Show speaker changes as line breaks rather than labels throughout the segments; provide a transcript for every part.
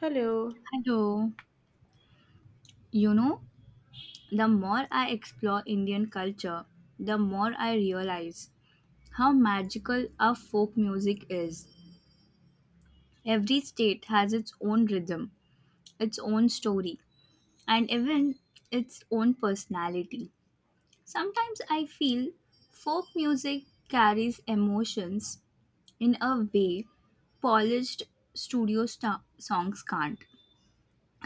Hello.
I do. You know, the more I explore Indian culture, the more I realize how magical our folk music is. Every state has its own rhythm, its own story, and even its own personality. Sometimes I feel folk music carries emotions in a way polished studio sta songs can't.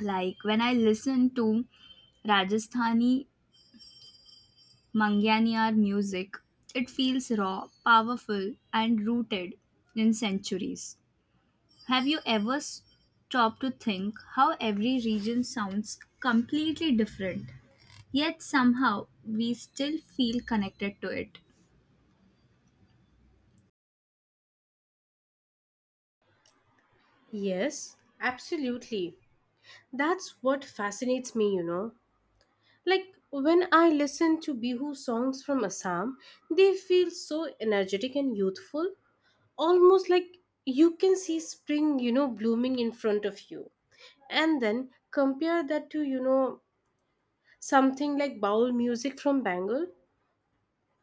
Like when I listen to Rajasthani Manganiyar music. It feels raw, powerful, and rooted in centuries. Have you ever stopped to think how every region sounds completely different, yet somehow we still feel connected to it?
Yes, absolutely. That's what fascinates me, you know. Like when I listen to Bihu songs from Assam, they feel so energetic and youthful, almost like you can see spring, you know, blooming in front of you. And then compare that to, you know, something like Baul music from Bengal.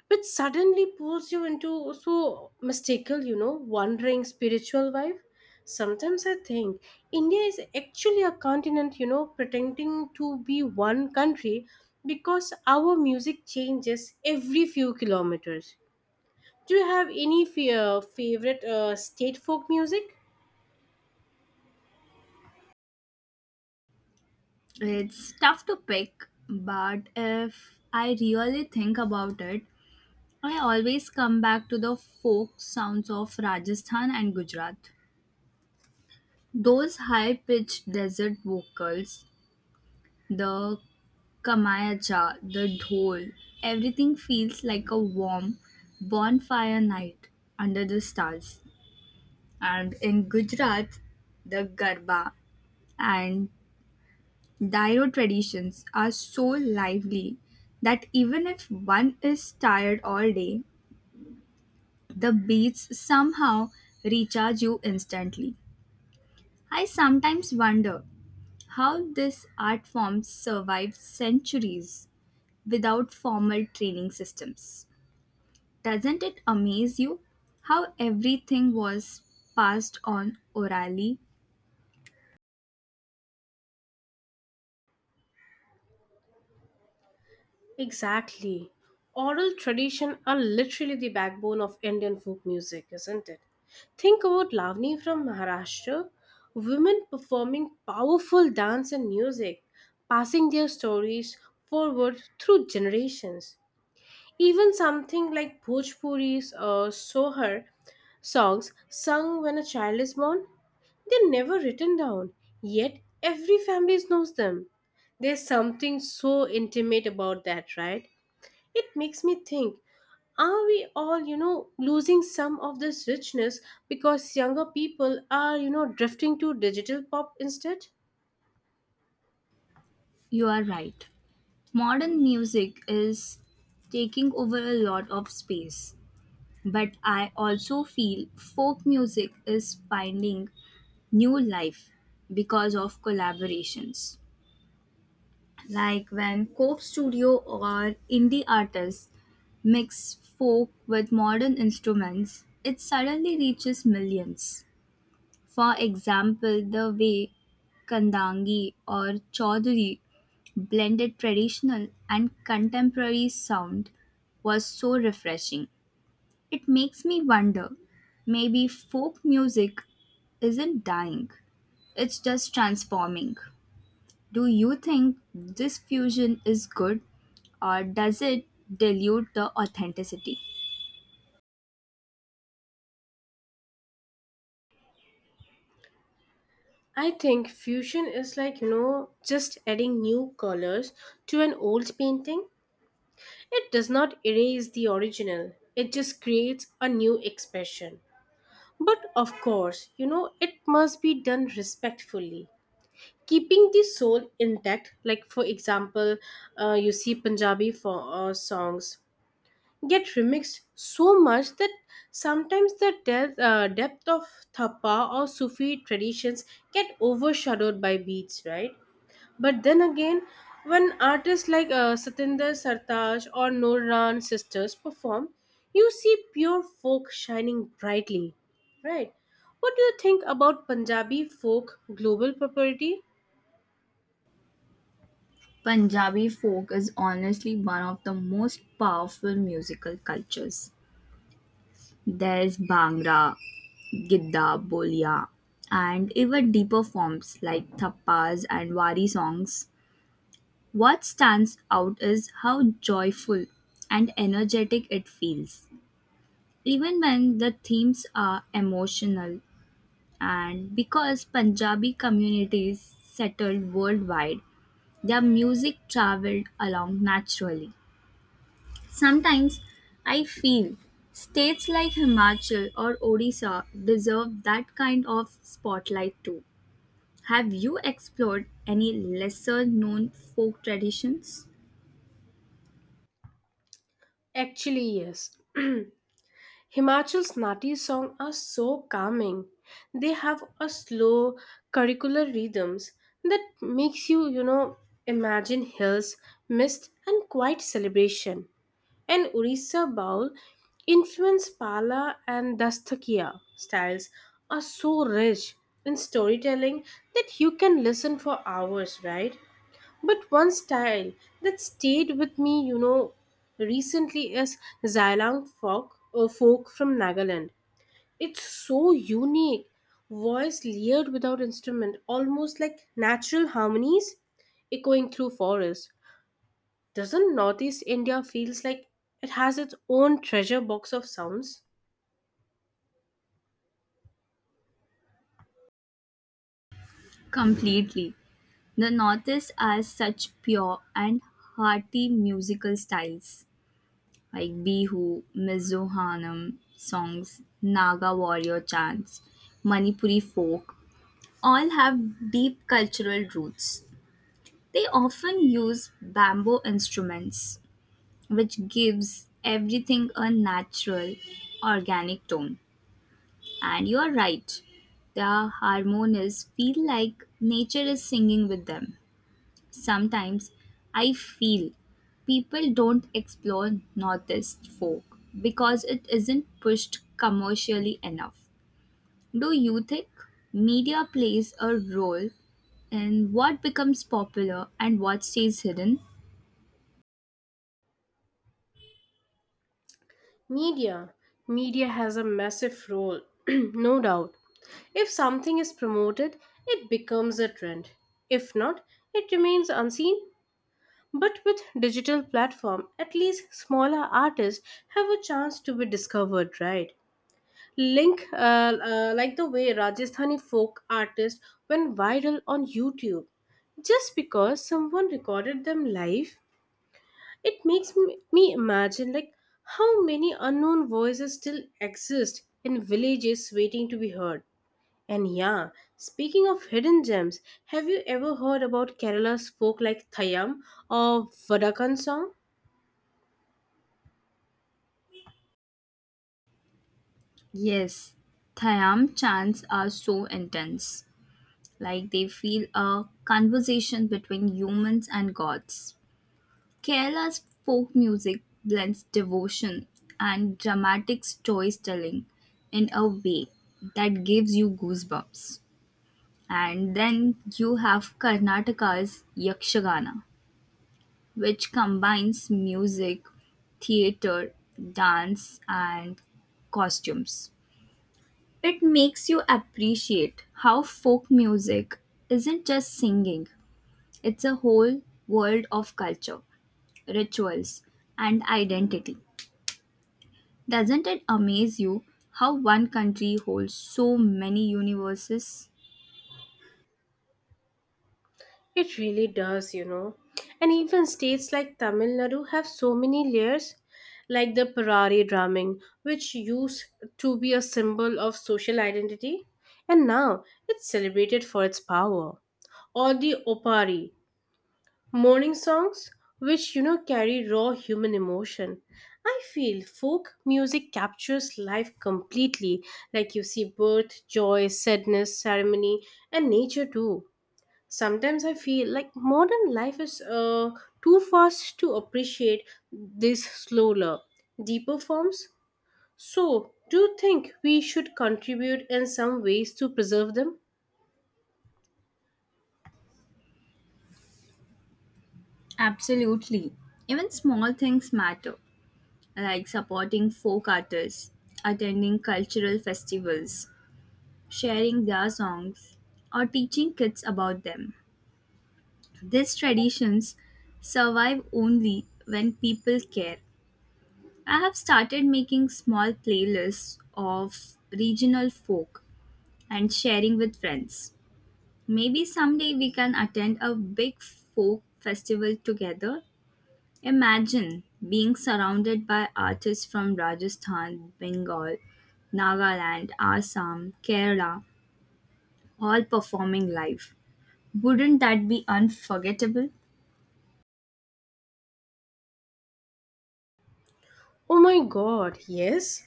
Which suddenly pulls you into so mystical, you know, wandering spiritual vibe. Sometimes I think India is actually a continent, you know, pretending to be one country because our music changes every few kilometers. Do you have any favorite state folk music?
It's tough to pick, but if I really think about it, I always come back to the folk sounds of Rajasthan and Gujarat. Those high pitched desert vocals, the Kamayacha, the dhol, everything feels like a warm bonfire night under the stars. And in Gujarat, the Garba and Dairo traditions are so lively that even if one is tired all day, the beats somehow recharge you instantly. I sometimes wonder how this art form survived centuries without formal training systems. Doesn't it amaze you how everything was passed on orally?
Exactly. Oral tradition are literally the backbone of Indian folk music, isn't it? Think about Lavani from Maharashtra, women performing powerful dance and music, passing their stories forward through generations. Even something like Bhojpuri's or Sohar songs sung when a child is born, they're never written down, yet every family knows them. There's something so intimate about that, right? It makes me think, are we all, you know, losing some of this richness because younger people are, you know, drifting to digital pop instead?
You are right. Modern music is taking over a lot of space, but I also feel folk music is finding new life because of collaborations. Like when Cope Studio or indie artists mix folk with modern instruments, it suddenly reaches millions. For example, the way Kandangi or Chaudhuri blended traditional and contemporary sound was so refreshing. It makes me wonder maybe folk music isn't dying, it's just transforming. Do you think this fusion is good or does it dilute the authenticity?
I think fusion is like, you know, just adding new colors to an old painting. It does not erase the original, it just creates a new expression. But of course, you know, it must be done respectfully. Keeping the soul intact, like for example, you see Punjabi for, songs get remixed so much that sometimes the depth, depth of thapa or Sufi traditions get overshadowed by beats, right? But then again, when artists like Satinder Sartaaj or Noran sisters perform, you see pure folk shining brightly, right? What do you think about Punjabi folk global popularity?
Punjabi folk is honestly one of the most powerful musical cultures. There's Bhangra, Gidda, Bolia, and even deeper forms like thappas and wari songs. What stands out is how joyful and energetic it feels, even when the themes are emotional. And because Punjabi communities settled worldwide, their music traveled along naturally. Sometimes I feel states like Himachal or Odisha deserve that kind of spotlight too. Have you explored any lesser known folk traditions?
Actually, yes. Himachal's Nati songs are so calming. They have a slow curricular rhythms that makes you, you know, imagine hills, mist and quiet celebration. And Orissa Baul influenced Pala and Dastakiya styles are so rich in storytelling that you can listen for hours, right? But one style that stayed with me, you know, recently is Xylang folk from Nagaland. It's so unique, voice layered without instrument, almost like natural harmonies echoing through forest. Doesn't Northeast India feels like it has its own treasure box of sounds?
Completely. The Northeast has such pure and hearty musical styles like Bihu, Mizo Hanam songs, Naga warrior chants, Manipuri folk, all have deep cultural roots. They often use bamboo instruments, which gives everything a natural, organic tone. And you are right, the harmonies feel like nature is singing with them. Sometimes I feel people don't explore Northeast folk because it isn't pushed commercially enough. Do you think media plays a role in what becomes popular and what stays hidden?
Media. Media has a massive role, no doubt. If something is promoted, it becomes a trend. If not, it remains unseen. But with digital platform, at least smaller artists have a chance to be discovered, right? Link like the way Rajasthani folk artists went viral on YouTube just because someone recorded them live. It makes me imagine like how many unknown voices still exist in villages waiting to be heard. And yeah, speaking of hidden gems, have you ever heard about Kerala's folk like Thayam or Vadakan song?
Yes, Thayam chants are so intense, like they feel a conversation between humans and gods. Kerala's folk music blends devotion and dramatic storytelling in a way that gives you goosebumps. And then you have Karnataka's Yakshagana, which combines music, theater, dance, and costumes. It makes you appreciate how folk music isn't just singing, it's a whole world of culture, rituals, and identity. Doesn't it amaze you how one country holds so many universes?
It really does, you know. And even states like Tamil Nadu have so many layers, like the Parari drumming, which used to be a symbol of social identity, and now it's celebrated for its power. Or the Opari, mourning songs, which you know carry raw human emotion. I feel folk music captures life completely, like you see birth, joy, sadness, ceremony, and nature too. Sometimes I feel like modern life is too fast to appreciate these slower deeper forms. So do you think we should contribute in some ways to preserve them?
Absolutely. Even small things matter, like supporting folk artists, attending cultural festivals, sharing their songs, or teaching kids about them. These traditions survive only when people care. I have started making small playlists of regional folk and sharing with friends. Maybe someday we can attend a big folk festival together. Imagine being surrounded by artists from Rajasthan, Bengal, Nagaland, Assam, Kerala, all performing live. Wouldn't that be unforgettable?
Oh my god, yes,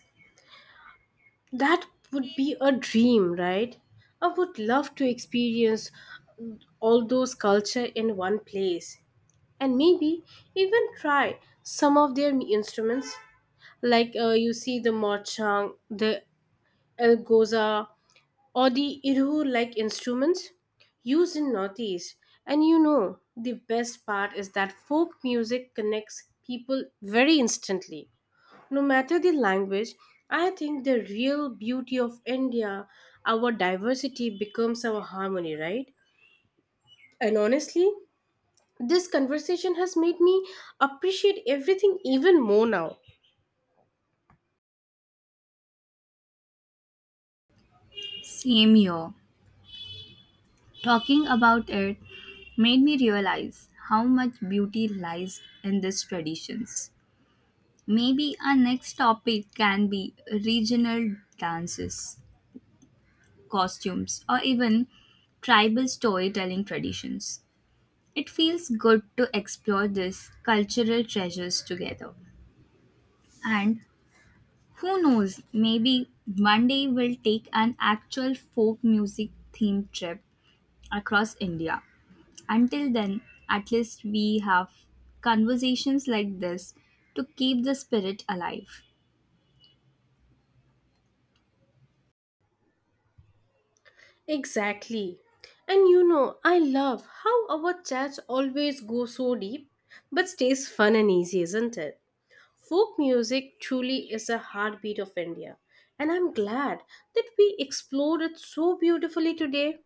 that would be a dream, right? I would love to experience all those culture in one place, and maybe even try some of their instruments, like you see the mochang, the elgoza, or the irhu like instruments used in northeast. And you know the best part is that folk music connects people very instantly, no matter the language. I think the real beauty of India, our diversity becomes our harmony, right? And honestly, this conversation has made me appreciate everything even more now.
Same here. Talking about it made me realize how much beauty lies in these traditions. Maybe our next topic can be regional dances, costumes, or even tribal storytelling traditions. It feels good to explore these cultural treasures together. And who knows, maybe one day we'll take an actual folk music themed trip across India. Until then, at least we have conversations like this to keep the spirit alive.
Exactly. And you know, I love how our chats always go so deep but stays fun and easy, isn't it? Folk music truly is a heartbeat of India, and I'm glad that we explored it so beautifully today.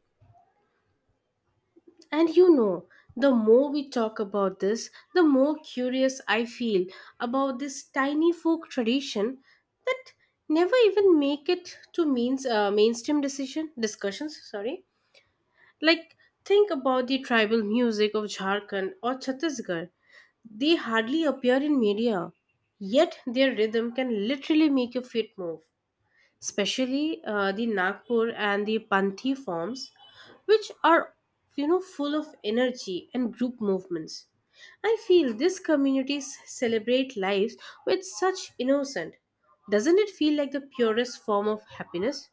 And you know, the more we talk about this, the more curious I feel about this tiny folk tradition that never even make it to means mainstream decision discussions, sorry. Like, think about the tribal music of Jharkhand or Chhattisgarh. They hardly appear in media, yet their rhythm can literally make your feet move, especially the Nagpur and the Panthi forms, which are, you know, full of energy and group movements. I feel these communities celebrate lives with such innocent. Doesn't it feel like the purest form of happiness?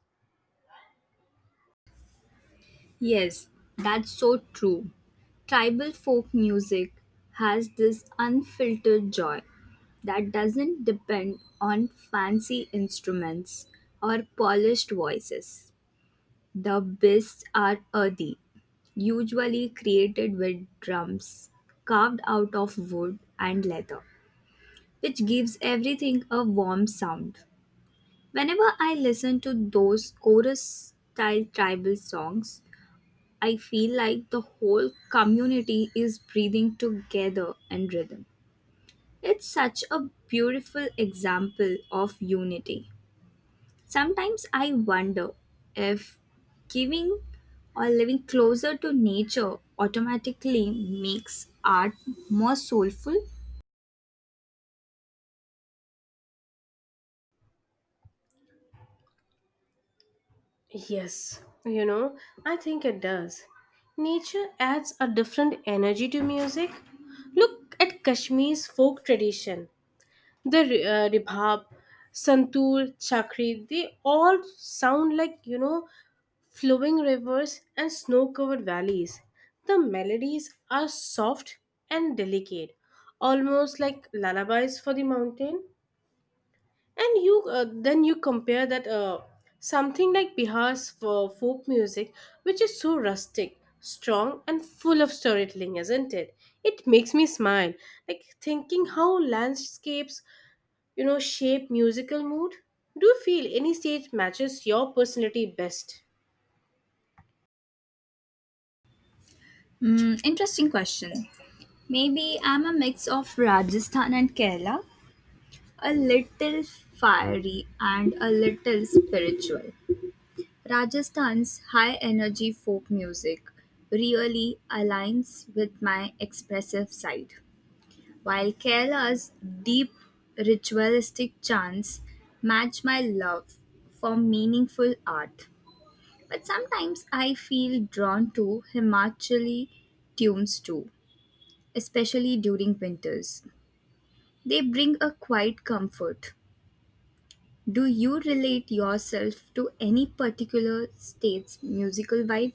Yes, that's so true. Tribal folk music has this unfiltered joy that doesn't depend on fancy instruments or polished voices. The beats are earthy, usually created with drums carved out of wood and leather, which gives everything a warm sound. Whenever I listen to those chorus style tribal songs, I feel like the whole community is breathing together in rhythm. It's such a beautiful example of unity. Sometimes I wonder if giving or living closer to nature automatically makes art more soulful.
Yes, you know, I think it does. Nature adds a different energy to music. Look at Kashmir's folk tradition. The ribhab, santoor, chakri, they all sound like, you know, flowing rivers and snow-covered valleys. The melodies are soft and delicate, almost like lullabies for the mountain. And you then you compare that something like Bihar's for folk music, which is so rustic, strong and full of storytelling, isn't it? It makes me smile, like thinking how landscapes, you know, shape musical mood. Do you feel any stage matches your personality best?
Mm, interesting question. Maybe I'm a mix of Rajasthan and Kerala. A little fiery and a little spiritual, Rajasthan's high energy folk music really aligns with my expressive side, while Kerala's deep ritualistic chants match my love for meaningful art. But sometimes I feel drawn to Himachali tunes too, especially during winters. They bring a quiet comfort. Do you relate yourself to any particular state's musical vibe?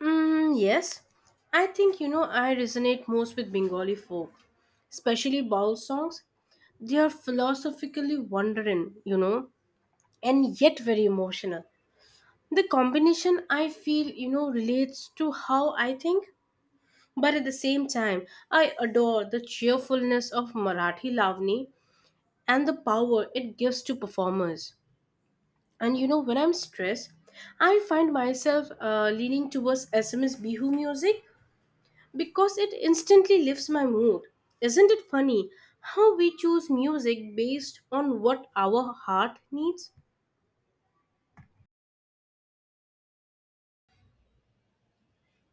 Mm, yes. I think, you know, I resonate most with Bengali folk, especially baul songs. They are philosophically wondering, you know, and yet very emotional. The combination I feel, you know, relates to how I think, but at the same time, I adore the cheerfulness of Marathi Lavani and the power it gives to performers. And you know, when I'm stressed, I find myself leaning towards SMS Bihu music because it instantly lifts my mood. Isn't it funny how we choose music based on what our heart needs?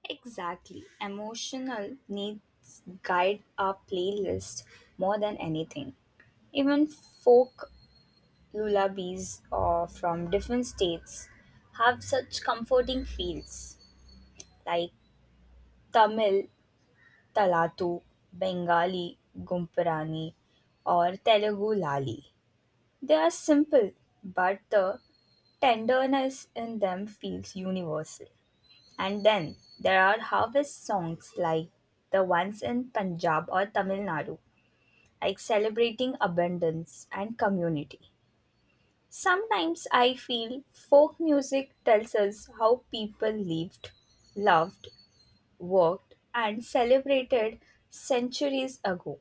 Exactly. Emotional needs guide our playlist more than anything. Even folk lullabies or from different states have such comforting feels like Tamil Talatu, Bengali Gumpurani, or Telugu Lali. They are simple, but the Tenderness in them feels universal. And then there are harvest songs like the ones in Punjab or Tamil Nadu, like celebrating abundance and community. Sometimes I feel folk music tells us how people lived, loved, worked, and celebrated centuries ago.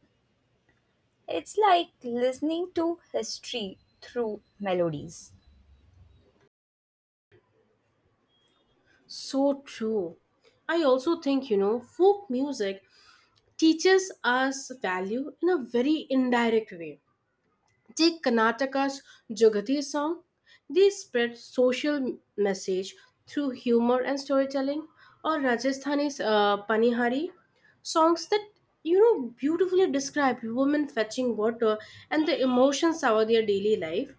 It's like listening to history through melodies.
So true. I also think, you know, folk music teaches us value in a very indirect way. Take Karnataka's Jogati song. They spread social message through humor and storytelling. Or Rajasthani's Panihari. Songs that, you know, beautifully describe women fetching water and the emotions of their daily life.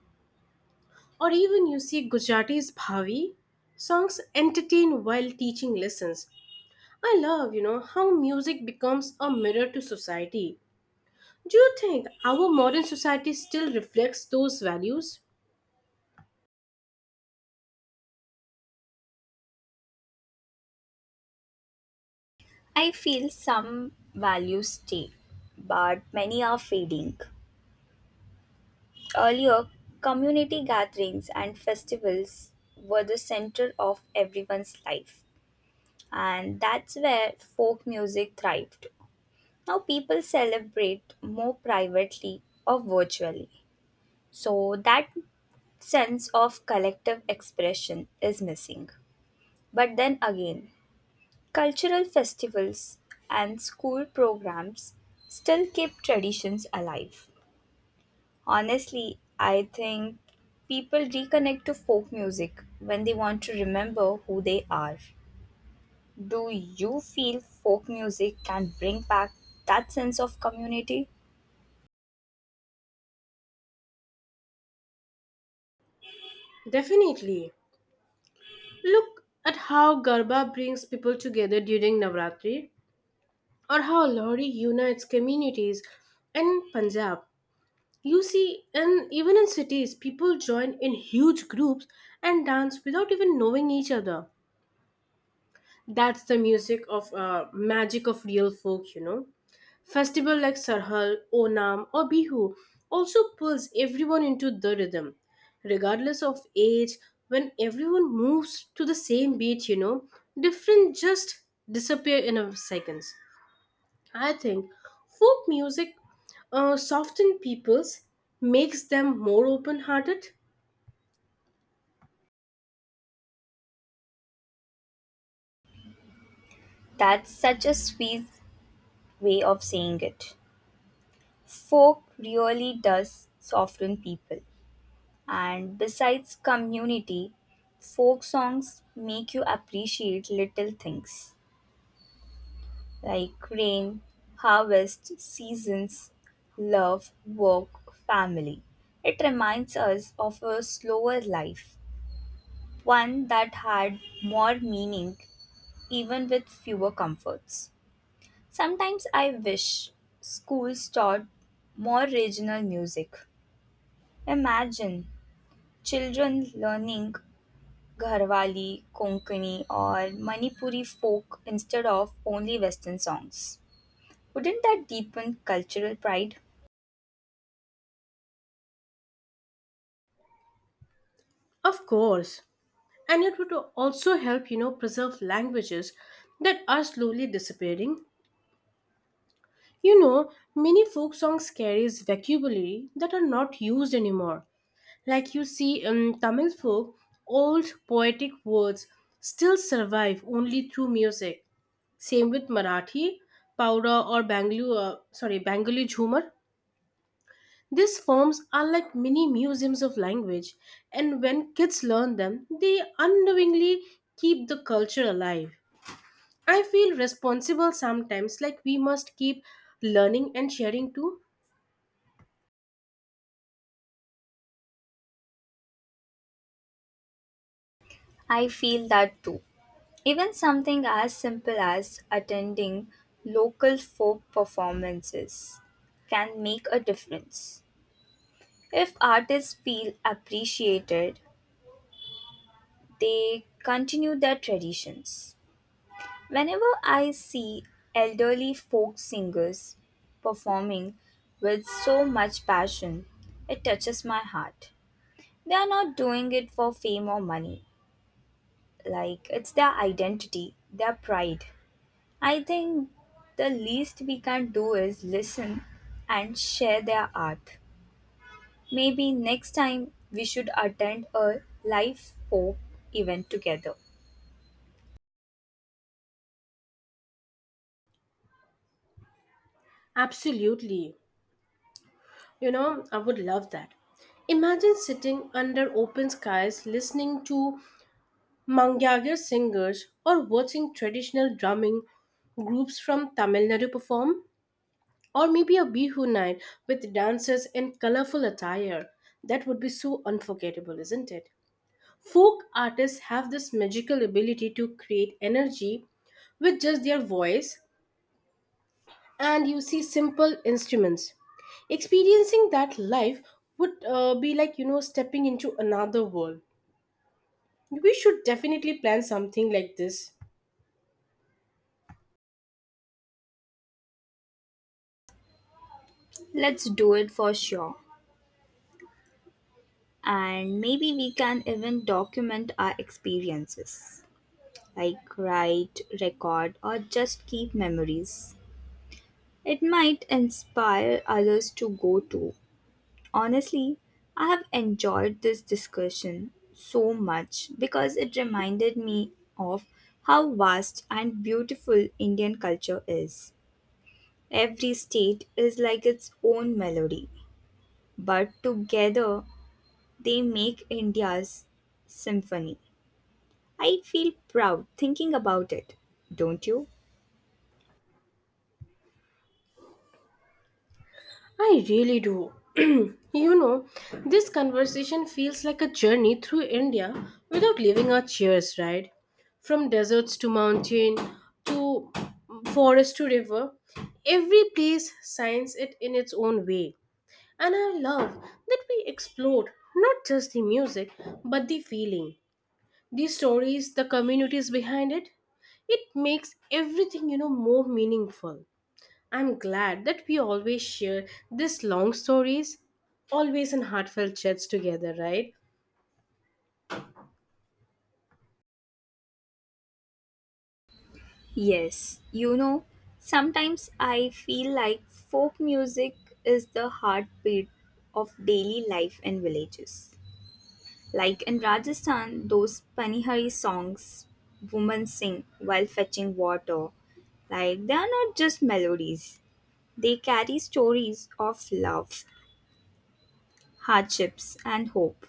Or even you see Gujarati's Bhavi. Songs entertain while teaching lessons. I love, you know, how music becomes a mirror to society. Do you think our modern society still reflects those values?
I feel some values stay, but many are fading. Earlier, community gatherings and festivals were the center of everyone's life, and that's where folk music thrived. Now, people celebrate more privately or virtually, so that sense of collective expression is missing. But then again, cultural festivals and school programs still keep traditions alive. Honestly, I think people reconnect to folk music when they want to remember who they are. Do you feel folk music can bring back that sense of community?
Definitely. Look at how Garba brings people together during Navratri, or how Lohri unites communities in Punjab. You see, and even in cities, people join in huge groups and dance without even knowing each other. That's the music of magic of real folk, you know. Festival like Sarhal, Onam, or Bihu also pulls everyone into the rhythm, regardless of age. When everyone moves to the same beat, you know, different just disappear in a seconds. I think folk music softens people's, makes them more open-hearted.
That's such a sweet way of saying it. Folk really does soften people. And besides community, folk songs make you appreciate little things like rain, harvest, seasons, love, work, family. It reminds us of a slower life, one that had more meaning even with fewer comforts. Sometimes I wish schools taught more regional music. Imagine children learning Gharwali, Konkani, or Manipuri folk instead of only Western songs. Wouldn't that deepen cultural pride?
Of course, and it would also help, you know, preserve languages that are slowly disappearing. You know, many folk songs carries vocabulary that are not used anymore. Like you see in Tamil folk, old poetic words still survive only through music. Same with Marathi, Powder or sorry, Bengali Jhumar. These forms are like mini museums of language, and when kids learn them, they unknowingly keep the culture alive. I feel responsible sometimes, like we must keep learning and sharing too.
I feel that too. Even something as simple as attending local folk performances can make a difference. If artists feel appreciated, they continue their traditions. Whenever I see elderly folk singers performing with so much passion, it touches my heart. They are not doing it for fame or money, like it's their identity, their pride. I think the least we can do is listen and share their art. Maybe next time we should attend a live folk event together.
Absolutely. You know, I would love that. Imagine sitting under open skies listening to Mangyagar singers or watching traditional drumming groups from Tamil Nadu perform, or maybe a Bihu night with dancers in colorful attire. That would be so unforgettable, isn't it? Folk artists have this magical ability to create energy with just their voice and you see simple instruments. Experiencing that life would be like, you know, stepping into another world. We should definitely plan something like this.
Let's do it for sure. And maybe we can even document our experiences, like write, record, or just keep memories. It might inspire others to go too. Honestly, I have enjoyed this discussion so much because it reminded me of how vast and beautiful Indian culture is. Every state is like its own melody, but together they make India's symphony. I feel proud thinking about it, don't you?
I really do. You know, this conversation feels like a journey through India without leaving our chairs, right? From deserts to mountain to forest to river, every place signs it in its own way. And I love that we explored not just the music, but the feeling, the stories, the communities behind it. It makes everything, you know, more meaningful. I'm glad that we always share these long stories, always in heartfelt chats together, right?
Yes, you know, sometimes I feel like folk music is the heartbeat of daily life in villages. Like in Rajasthan, those Panihari songs women sing while fetching water, like they are not just melodies, they carry stories of love, hardships, and hope.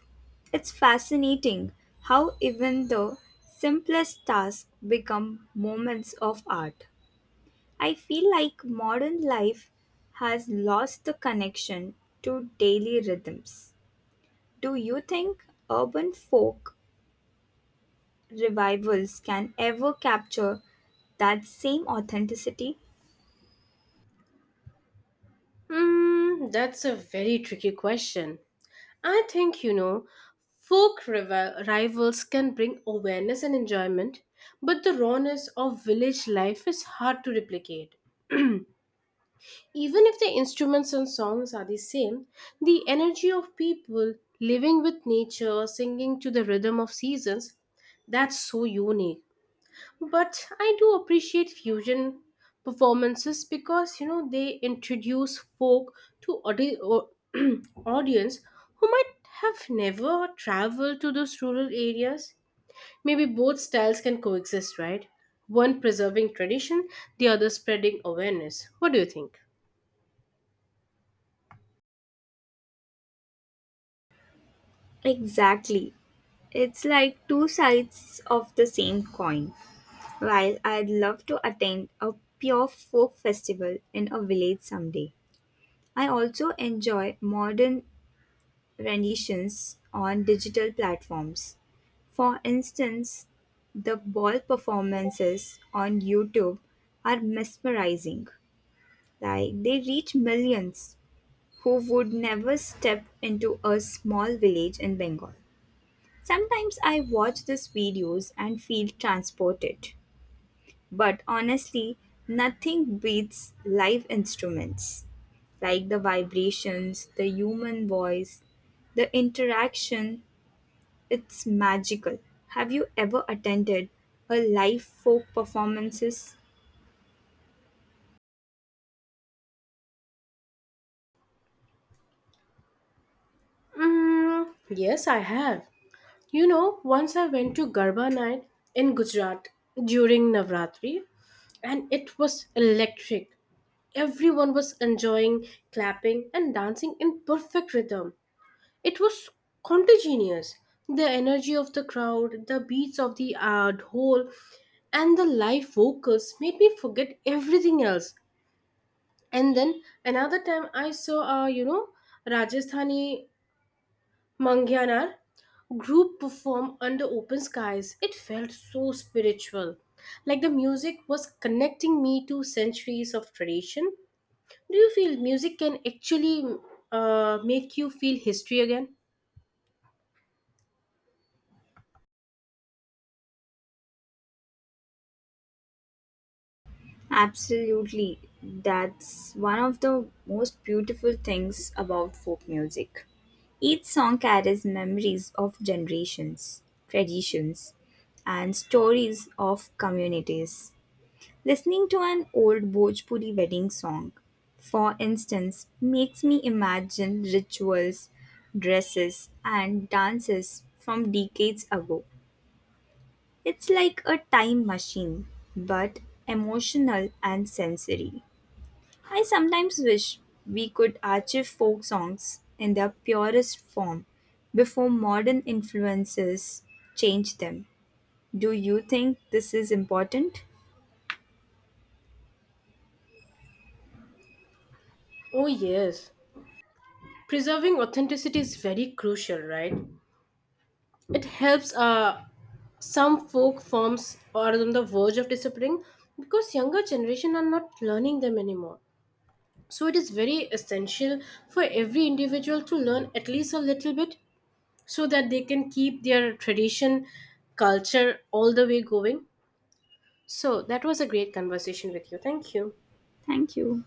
It's fascinating how even the simplest tasks become moments of art. I feel like modern life has lost the connection to daily rhythms. Do you think urban folk revivals can ever capture that same authenticity?
Hmm, that's a very tricky question. I think, you know, folk rivals can bring awareness and enjoyment, but the rawness of village life is hard to replicate. Even if the instruments and songs are the same, the energy of people living with nature, singing to the rhythm of seasons, that's so unique. But I do appreciate fusion performances because you know they introduce folk to audience who might have never traveled to those rural areas. Maybe both styles can coexist, right? One preserving tradition, the other spreading awareness. What do you think?
Exactly. It's like two sides of the same coin. While I'd love to attend a pure folk festival in a village someday, I also enjoy modern renditions on digital platforms. For instance, the ball performances on YouTube are mesmerizing. Like they reach millions who would never step into a small village in Bengal. Sometimes I watch these videos and feel transported, but honestly, nothing beats live instruments like the vibrations, the human voice, the interaction. It's magical. Have you ever attended a live folk performances?
Mm, yes, I have. You know, once I went to Garba night in Gujarat during Navratri, and it was electric. Everyone was enjoying, clapping, and dancing in perfect rhythm. It was contagious. The energy of the crowd, the beats of the dhol, and the live vocals made me forget everything else. And then another time I saw, you know, Rajasthani Mangyanar group performed under open skies. It felt so spiritual. Like the music was connecting me to centuries of tradition. Do you feel music can actually make you feel history again?
Absolutely. That's one of the most beautiful things about folk music. Each song carries memories of generations, traditions, and stories of communities. Listening to an old Bhojpuri wedding song, for instance, makes me imagine rituals, dresses, and dances from decades ago. It's like a time machine, but emotional and sensory. I sometimes wish we could achieve folk songs in their purest form before modern influences change them. Do you think this is important?
Oh, yes. Preserving authenticity is very crucial, right? It helps some folk forms are on the verge of disappearing because younger generation are not learning them anymore. So it is very essential for every individual to learn at least a little bit so that they can keep their tradition, culture all the way going. So that was a great conversation with you. Thank you.
Thank you.